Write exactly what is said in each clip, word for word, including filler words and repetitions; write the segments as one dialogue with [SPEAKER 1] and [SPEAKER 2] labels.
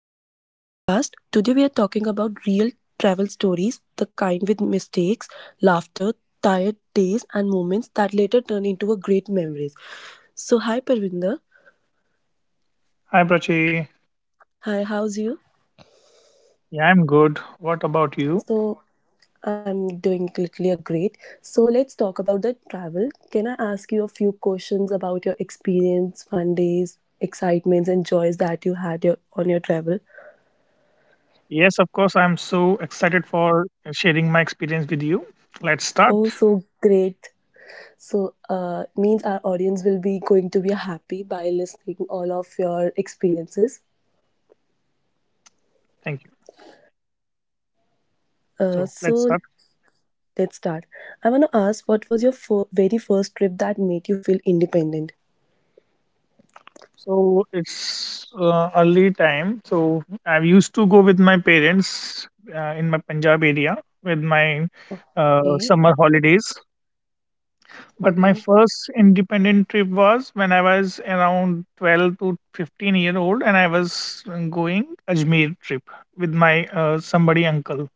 [SPEAKER 1] welcome to our podcast. Today we are talking about real travel stories, the kind with mistakes, laughter, tired days, and moments that later turn into a great memories. So, hi Parvinder.
[SPEAKER 2] Hi, Prachi.
[SPEAKER 1] Hi, how's you?
[SPEAKER 2] Yeah, I'm good. What about you?
[SPEAKER 1] So, I'm doing literally a great. So, let's talk about the travel. Can I ask you a few questions about your experience, fun days, excitements, and joys that you had your, on your travel?
[SPEAKER 2] Yes, of course. I'm so excited for sharing my experience with you. Let's start.
[SPEAKER 1] Oh, so great. So uh, means our audience will be going to be happy by listening all of your experiences.
[SPEAKER 2] Thank you.
[SPEAKER 1] Uh,
[SPEAKER 2] So, let's
[SPEAKER 1] so
[SPEAKER 2] start.
[SPEAKER 1] let's start. I want to ask, what was your fir- very first trip that made you feel independent?
[SPEAKER 2] So, it's uh, early time. So, I used to go with my parents uh, in my Punjab area with my uh,
[SPEAKER 1] Okay.
[SPEAKER 2] summer holidays. But my
[SPEAKER 1] Okay.
[SPEAKER 2] first independent trip was when I was around twelve to fifteen year old, and I was going Ajmer trip with my uh, somebody uncle.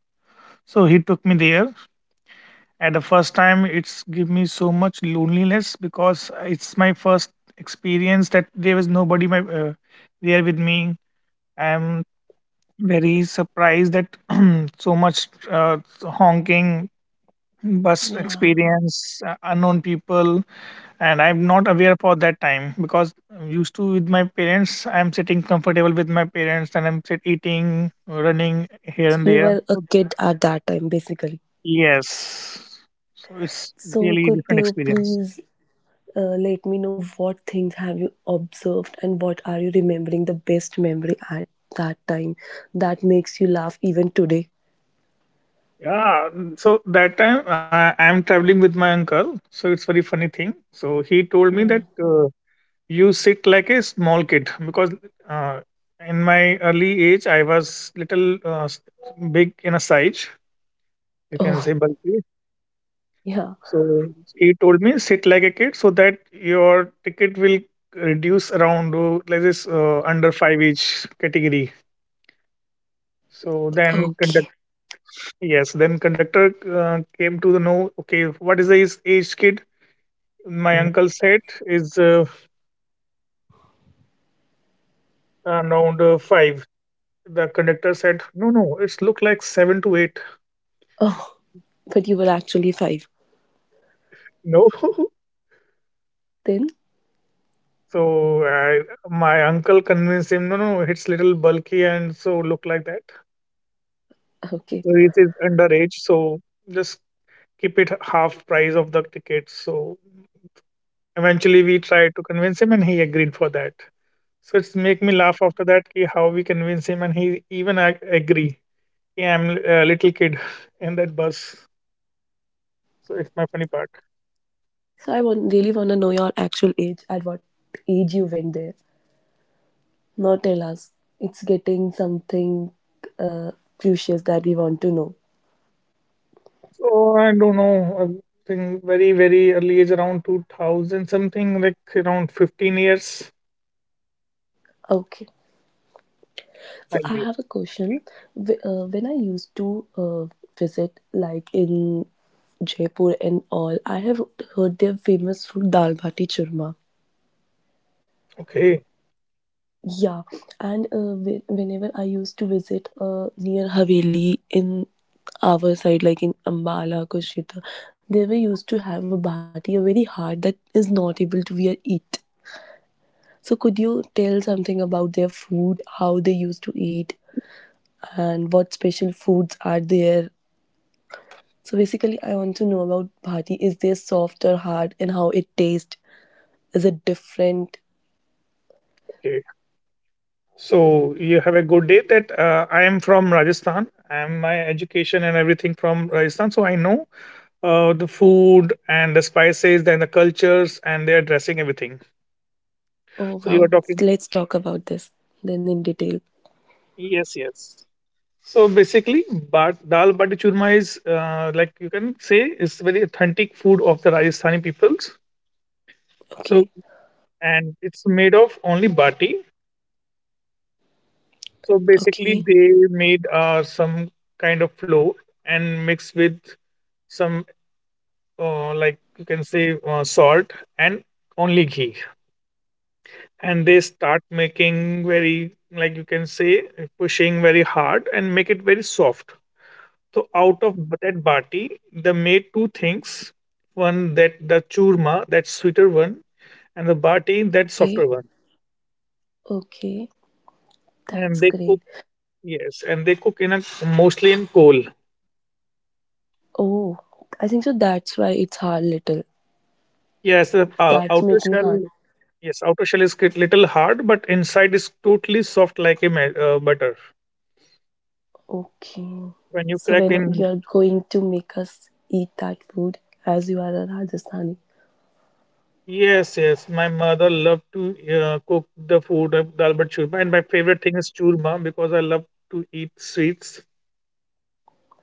[SPEAKER 2] So he took me there. At the first time, it's give me so much loneliness because it's my first experience that there was nobody my uh, there with me. I'm very surprised that so much uh, honking bus
[SPEAKER 1] Yeah.
[SPEAKER 2] experience, uh, unknown people, and I'm not aware for that time because I'm used to with my parents. I'm sitting comfortable with my parents and I'm sit- eating, running here
[SPEAKER 1] So
[SPEAKER 2] and
[SPEAKER 1] you
[SPEAKER 2] there.
[SPEAKER 1] were a
[SPEAKER 2] So
[SPEAKER 1] kid at that time, basically.
[SPEAKER 2] yes. So it's
[SPEAKER 1] So
[SPEAKER 2] really
[SPEAKER 1] could
[SPEAKER 2] different
[SPEAKER 1] you
[SPEAKER 2] experience.
[SPEAKER 1] please uh, let me know what things have you observed and what are you remembering the best memory at that time that makes you laugh even today?
[SPEAKER 2] Yeah, mm, so that time I, I'm traveling with my uncle, so it's very funny thing. So he told me
[SPEAKER 1] Yeah.
[SPEAKER 2] that uh, you sit like a small kid because uh, in my early age I was little uh, s- big in a size, you can say
[SPEAKER 1] Oh,
[SPEAKER 2] bulky.
[SPEAKER 1] yeah.
[SPEAKER 2] So he told me sit like a kid so that your ticket will reduce around uh, like this uh, under five age category. So then conductor.
[SPEAKER 1] Okay.
[SPEAKER 2] Yes, then conductor uh, came to the know, okay, what is the is- age kid? My uncle said is uh, around uh, five. The conductor said, no, no, it's look like seven to eight.
[SPEAKER 1] Oh, but you were actually five
[SPEAKER 2] No.
[SPEAKER 1] then?
[SPEAKER 2] So I, my uncle convinced him, no, no, it's little bulky and so look like that.
[SPEAKER 1] Okay.
[SPEAKER 2] So it is underage, so just keep it half price of the ticket. So eventually we tried to convince him and he agreed for that. So it's make me laugh after that ki how we convince him and he even ag- agree. Yeah, I'm a little kid in that bus. So it's my funny part.
[SPEAKER 1] So I want, really want to know your actual age, at what age you went there. Now tell us. It's getting something uh, crucial that we want to know.
[SPEAKER 2] So I don't know. I think very very early age around two thousand something like around fifteen years
[SPEAKER 1] Okay. So
[SPEAKER 2] might
[SPEAKER 1] I
[SPEAKER 2] be.
[SPEAKER 1] have a question. Wh- Uh, when I used to uh, visit, like in Jaipur and all, I have heard their famous food dal bati churma.
[SPEAKER 2] Okay.
[SPEAKER 1] Yeah, and uh, whe- whenever I used to visit uh, near Haveli in our side, like in Ambala, Kushita, they were used to have a bati, a very hard that is not able to be eat. So, could you tell something about their food, how they used to eat, and what special foods are there? So, basically, I want to know about bhati. Is this soft or hard, and how it tastes? Is it different?
[SPEAKER 2] Okay. So you have a good day that uh, I am from Rajasthan. I'm my education and everything from Rajasthan. So I know uh, the food and the spices and the cultures and their dressing everything.
[SPEAKER 1] Oh
[SPEAKER 2] So you are
[SPEAKER 1] wow,
[SPEAKER 2] talking.
[SPEAKER 1] let's talk about this then in detail.
[SPEAKER 2] Yes, yes. So basically, but dal bati churma is uh, like you can say it's very authentic food of the Rajasthani peoples.
[SPEAKER 1] Okay,
[SPEAKER 2] So and it's made of only bati. So basically,
[SPEAKER 1] okay.
[SPEAKER 2] they made uh, some kind of flour and mixed with some uh, like you can say uh, salt and only ghee, and they start making very like you can say pushing very hard and make it very soft. So out of that bati, they made two things. One that the churma, that sweeter one, and the bati, that softer
[SPEAKER 1] Okay,
[SPEAKER 2] one.
[SPEAKER 1] okay,
[SPEAKER 2] And
[SPEAKER 1] that's
[SPEAKER 2] they
[SPEAKER 1] great.
[SPEAKER 2] cook, yes, and they cook in a mostly in coal.
[SPEAKER 1] Oh, I think so. That's why it's hard little.
[SPEAKER 2] Yes, the uh,
[SPEAKER 1] That's
[SPEAKER 2] outer
[SPEAKER 1] make me hard.
[SPEAKER 2] shell, yes, outer shell is a little hard, but inside is totally soft like a ma- uh, butter.
[SPEAKER 1] Okay,
[SPEAKER 2] When you
[SPEAKER 1] so
[SPEAKER 2] crack
[SPEAKER 1] when
[SPEAKER 2] in,
[SPEAKER 1] you are going to make us eat that food as you are a Rajasthani.
[SPEAKER 2] yes, yes, my mother loved to uh, cook the food of dal bhat churma, and my favorite thing is churma because I love to eat sweets.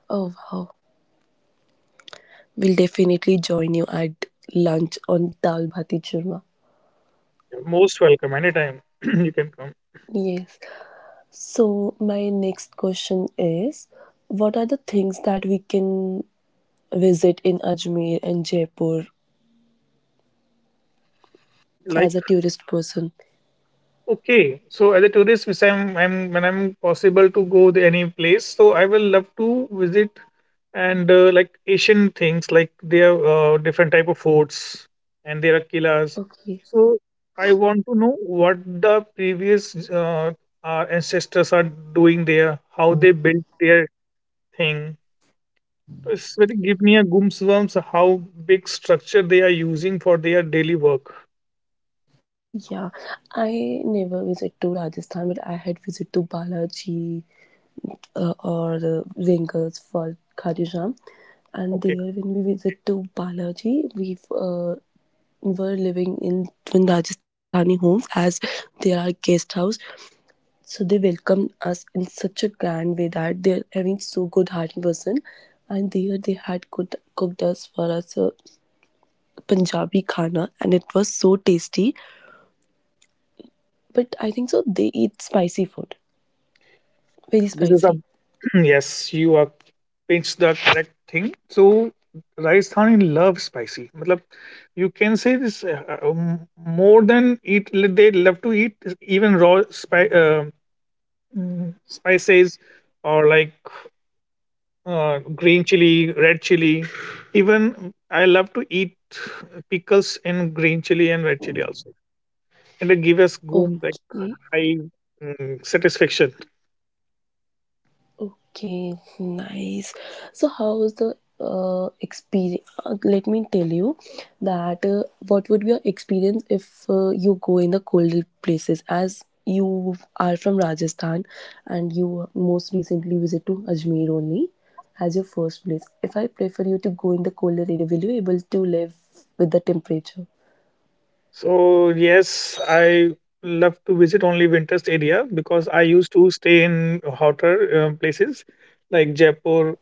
[SPEAKER 1] Oh wow, we'll definitely join you at lunch on dal bhati churma.
[SPEAKER 2] You're most welcome anytime you can come.
[SPEAKER 1] Yes. So my next question is, what are the things that we can visit in Ajmer and Jaipur as
[SPEAKER 2] Like
[SPEAKER 1] a tourist person?
[SPEAKER 2] okay, so as a tourist, which I'm, I'm when I'm possible to go to any place, so I will love to visit, and uh, like Asian things, like there are uh, different type of forts, and there are killas.
[SPEAKER 1] Okay.
[SPEAKER 2] So I want to know what the previous uh, our ancestors are doing there, how they built their thing. So, it's very give me a goosebumps how big structure they are using for their daily work.
[SPEAKER 1] Yeah, I never visit to Rajasthan, but I had visit to Balaji uh, or uh, Ringers for Khajuraho. And
[SPEAKER 2] Okay,
[SPEAKER 1] there, when we visit to Balaji, we uh, were living in in Rajasthani homes as they are guest house. So they welcomed us in such a grand way that they're having so good hearted person. And there they had cooked, cooked us for us a Punjabi khana and it was so tasty. But I think so they eat spicy food. Very
[SPEAKER 2] this is the
[SPEAKER 1] spicy.
[SPEAKER 2] Yes you are pitch the correct thing so Rajasthani love spicy मतलब. You can say this uh, uh, um, more than eat, they love to eat even raw spi- uh, mm, spices, or like uh, green chili, red chili. Even I love to eat pickles in green chili and red chili also, and it gives us goom like
[SPEAKER 1] Okay,
[SPEAKER 2] high mm, satisfaction.
[SPEAKER 1] okay, nice. So, how was the uh, experience? Let me tell you that uh, what would be your experience if uh, you go in the colder places? As you are from Rajasthan and you most recently visit to Ajmer only as your first place. If I prefer you to go in the colder area, will you able to live with the temperature?
[SPEAKER 2] So yes, I love to visit only winter's area because I used to stay in hotter um, places like Jaipur,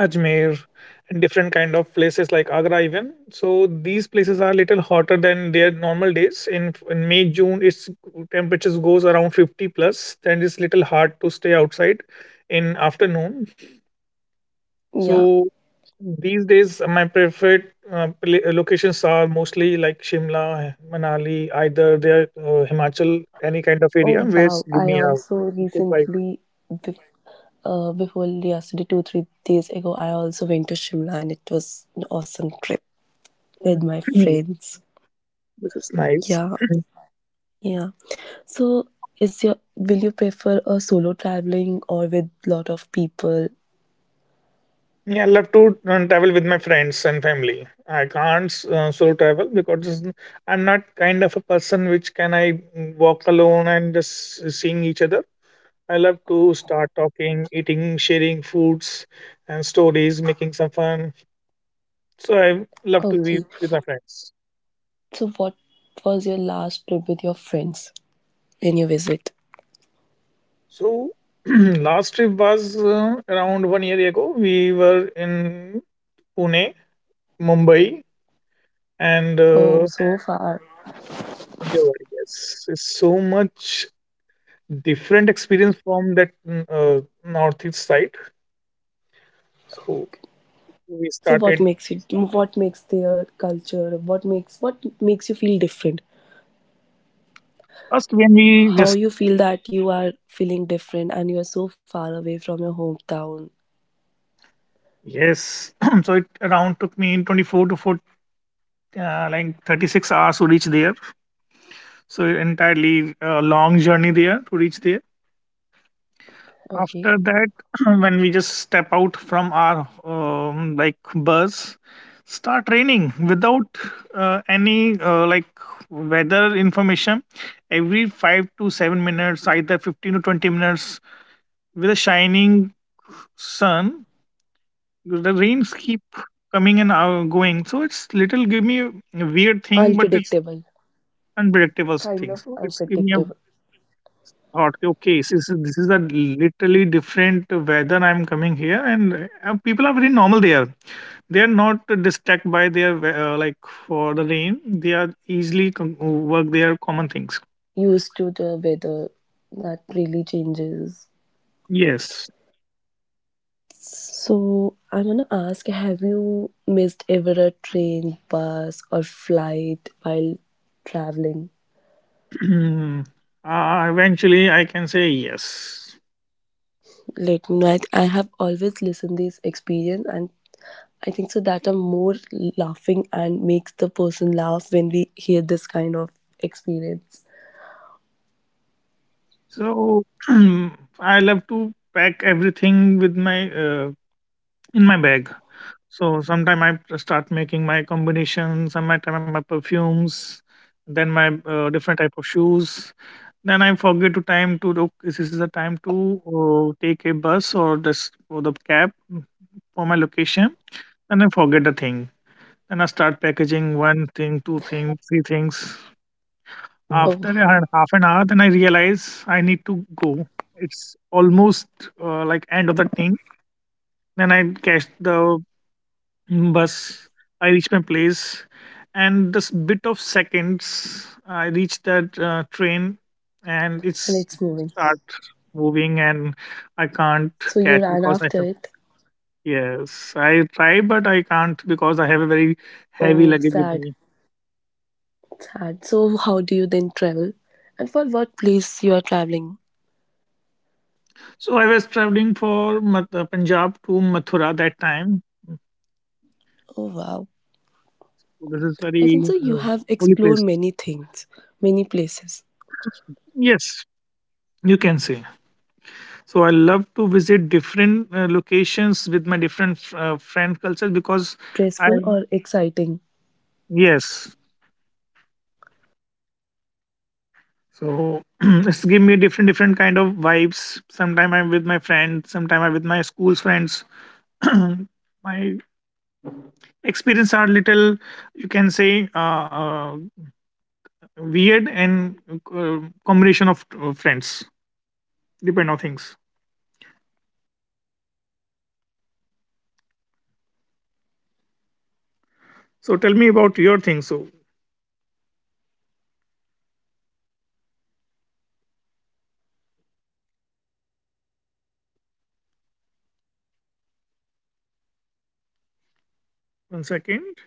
[SPEAKER 2] Ajmer, and different kind of places like Agra even. So these places are little hotter than their normal days. In, in May, June, its temperatures goes around fifty plus, then it's little hard to stay outside in afternoon.
[SPEAKER 1] Yeah,
[SPEAKER 2] So these days, my preferred uh, pla- locations are mostly like Shimla, Manali, either they are uh, Himachal, any kind of area
[SPEAKER 1] oh
[SPEAKER 2] where it's
[SPEAKER 1] wow!
[SPEAKER 2] give
[SPEAKER 1] I
[SPEAKER 2] me a
[SPEAKER 1] also
[SPEAKER 2] good bike.
[SPEAKER 1] recently, bef- uh, before yesterday, two three days ago, I also went to Shimla, and it was an awesome trip with my friends.
[SPEAKER 2] This is nice.
[SPEAKER 1] Yeah, yeah. So, is your will you prefer a solo traveling or with lot of people?
[SPEAKER 2] Yeah, I love to uh, travel with my friends and family. I can't uh, solo travel because it's n- I'm not kind of a person which can I mm, walk alone and just s- seeing each other. I love to start talking, eating, sharing foods and stories, making some fun. So I love to be
[SPEAKER 1] Okay.
[SPEAKER 2] with my friends.
[SPEAKER 1] So, what was your last trip with your friends when you visit?
[SPEAKER 2] So last trip was uh, around one year ago. We were in Pune, Mumbai, and
[SPEAKER 1] Oh,
[SPEAKER 2] uh,
[SPEAKER 1] so far.
[SPEAKER 2] Javadi. Yes, it's so much different experience from that mm, uh, northeast side. So we
[SPEAKER 1] So, what
[SPEAKER 2] started
[SPEAKER 1] makes it? What makes their culture? What makes what makes you feel different?
[SPEAKER 2] first when we
[SPEAKER 1] How
[SPEAKER 2] just.
[SPEAKER 1] you feel that you are feeling different and you are so far away from your hometown.
[SPEAKER 2] Yes. So it around took me twenty-four to four uh, like thirty-six hours to reach there. So entirely uh, long journey there to reach there. After
[SPEAKER 1] Okay.
[SPEAKER 2] that when we just step out from our um, like bus, start raining without uh, any uh, like weather information every five to seven minutes either fifteen to twenty minutes. With a shining sun, the rains keep coming and uh, going, so it's little give me a weird thing, but it's
[SPEAKER 1] Unpredictable.
[SPEAKER 2] unpredictable
[SPEAKER 1] Kind
[SPEAKER 2] thing.
[SPEAKER 1] of
[SPEAKER 2] So it's give me a
[SPEAKER 1] unpredictable.
[SPEAKER 2] thought, okay, this is, this is a literally different weather I'm coming here. And uh, people are very normal there, they are not distracted by their we- uh, like for the rain, they are easily com- uh, work their common things.
[SPEAKER 1] Used to the weather that really changes.
[SPEAKER 2] Yes.
[SPEAKER 1] So I'm gonna ask have you missed ever a train, bus or flight while traveling?
[SPEAKER 2] uh, eventually I can say yes.
[SPEAKER 1] Let me know. I I have always listened this experience and I think so that I'm more laughing and makes the person laugh when we hear this kind of experience.
[SPEAKER 2] So I love to pack everything with my uh, in my bag. So sometime I start making my combinations, sometime my perfumes, then my uh, different type of shoes. Then I forget to time to look. This is the time to uh, take a bus or just for the cab for my location, and I forget the thing. Then I start packaging one thing, two things, three things.
[SPEAKER 1] Oh,
[SPEAKER 2] After a hal- half an hour, then I realize I need to go. It's almost uh, like end of the thing. Then I catch the bus. I reached my place, and just bit of seconds, I reached that uh, train, and
[SPEAKER 1] and
[SPEAKER 2] it's
[SPEAKER 1] it's moving.
[SPEAKER 2] start moving, and I can't
[SPEAKER 1] So you
[SPEAKER 2] catch
[SPEAKER 1] ran
[SPEAKER 2] because I
[SPEAKER 1] after
[SPEAKER 2] have.
[SPEAKER 1] it.
[SPEAKER 2] Yes, I try, but I can't because I have a very heavy
[SPEAKER 1] Oh,
[SPEAKER 2] luggage with
[SPEAKER 1] sad,
[SPEAKER 2] me.
[SPEAKER 1] sad. So how do you then travel? And for what place you are traveling?
[SPEAKER 2] So I was traveling for Mat- uh, Punjab to Mathura that time.
[SPEAKER 1] Oh wow.
[SPEAKER 2] So this is
[SPEAKER 1] I think
[SPEAKER 2] very
[SPEAKER 1] so you
[SPEAKER 2] uh,
[SPEAKER 1] have
[SPEAKER 2] holy
[SPEAKER 1] explored
[SPEAKER 2] place.
[SPEAKER 1] many things, many places.
[SPEAKER 2] Yes, you can say. So I love to visit
[SPEAKER 1] That's
[SPEAKER 2] different
[SPEAKER 1] nice.
[SPEAKER 2] uh,
[SPEAKER 1] So
[SPEAKER 2] locations with my
[SPEAKER 1] it's
[SPEAKER 2] different
[SPEAKER 1] uh, when you
[SPEAKER 2] uh,
[SPEAKER 1] travel
[SPEAKER 2] friend
[SPEAKER 1] your
[SPEAKER 2] cultures
[SPEAKER 1] budget
[SPEAKER 2] because
[SPEAKER 1] is
[SPEAKER 2] I
[SPEAKER 1] stressful or exciting?
[SPEAKER 2] yes.
[SPEAKER 1] How do you
[SPEAKER 2] So
[SPEAKER 1] manage the
[SPEAKER 2] it's give me
[SPEAKER 1] budget?
[SPEAKER 2] different different kind of vibes. Sometime I'm with my friend, sometime I'm with my school's friends. My experience are little, you can say, uh, uh, weird and uh, combination of
[SPEAKER 1] Hello.
[SPEAKER 2] uh, friends, depend on things. So tell me about your things. So
[SPEAKER 1] Hello.
[SPEAKER 2] one second.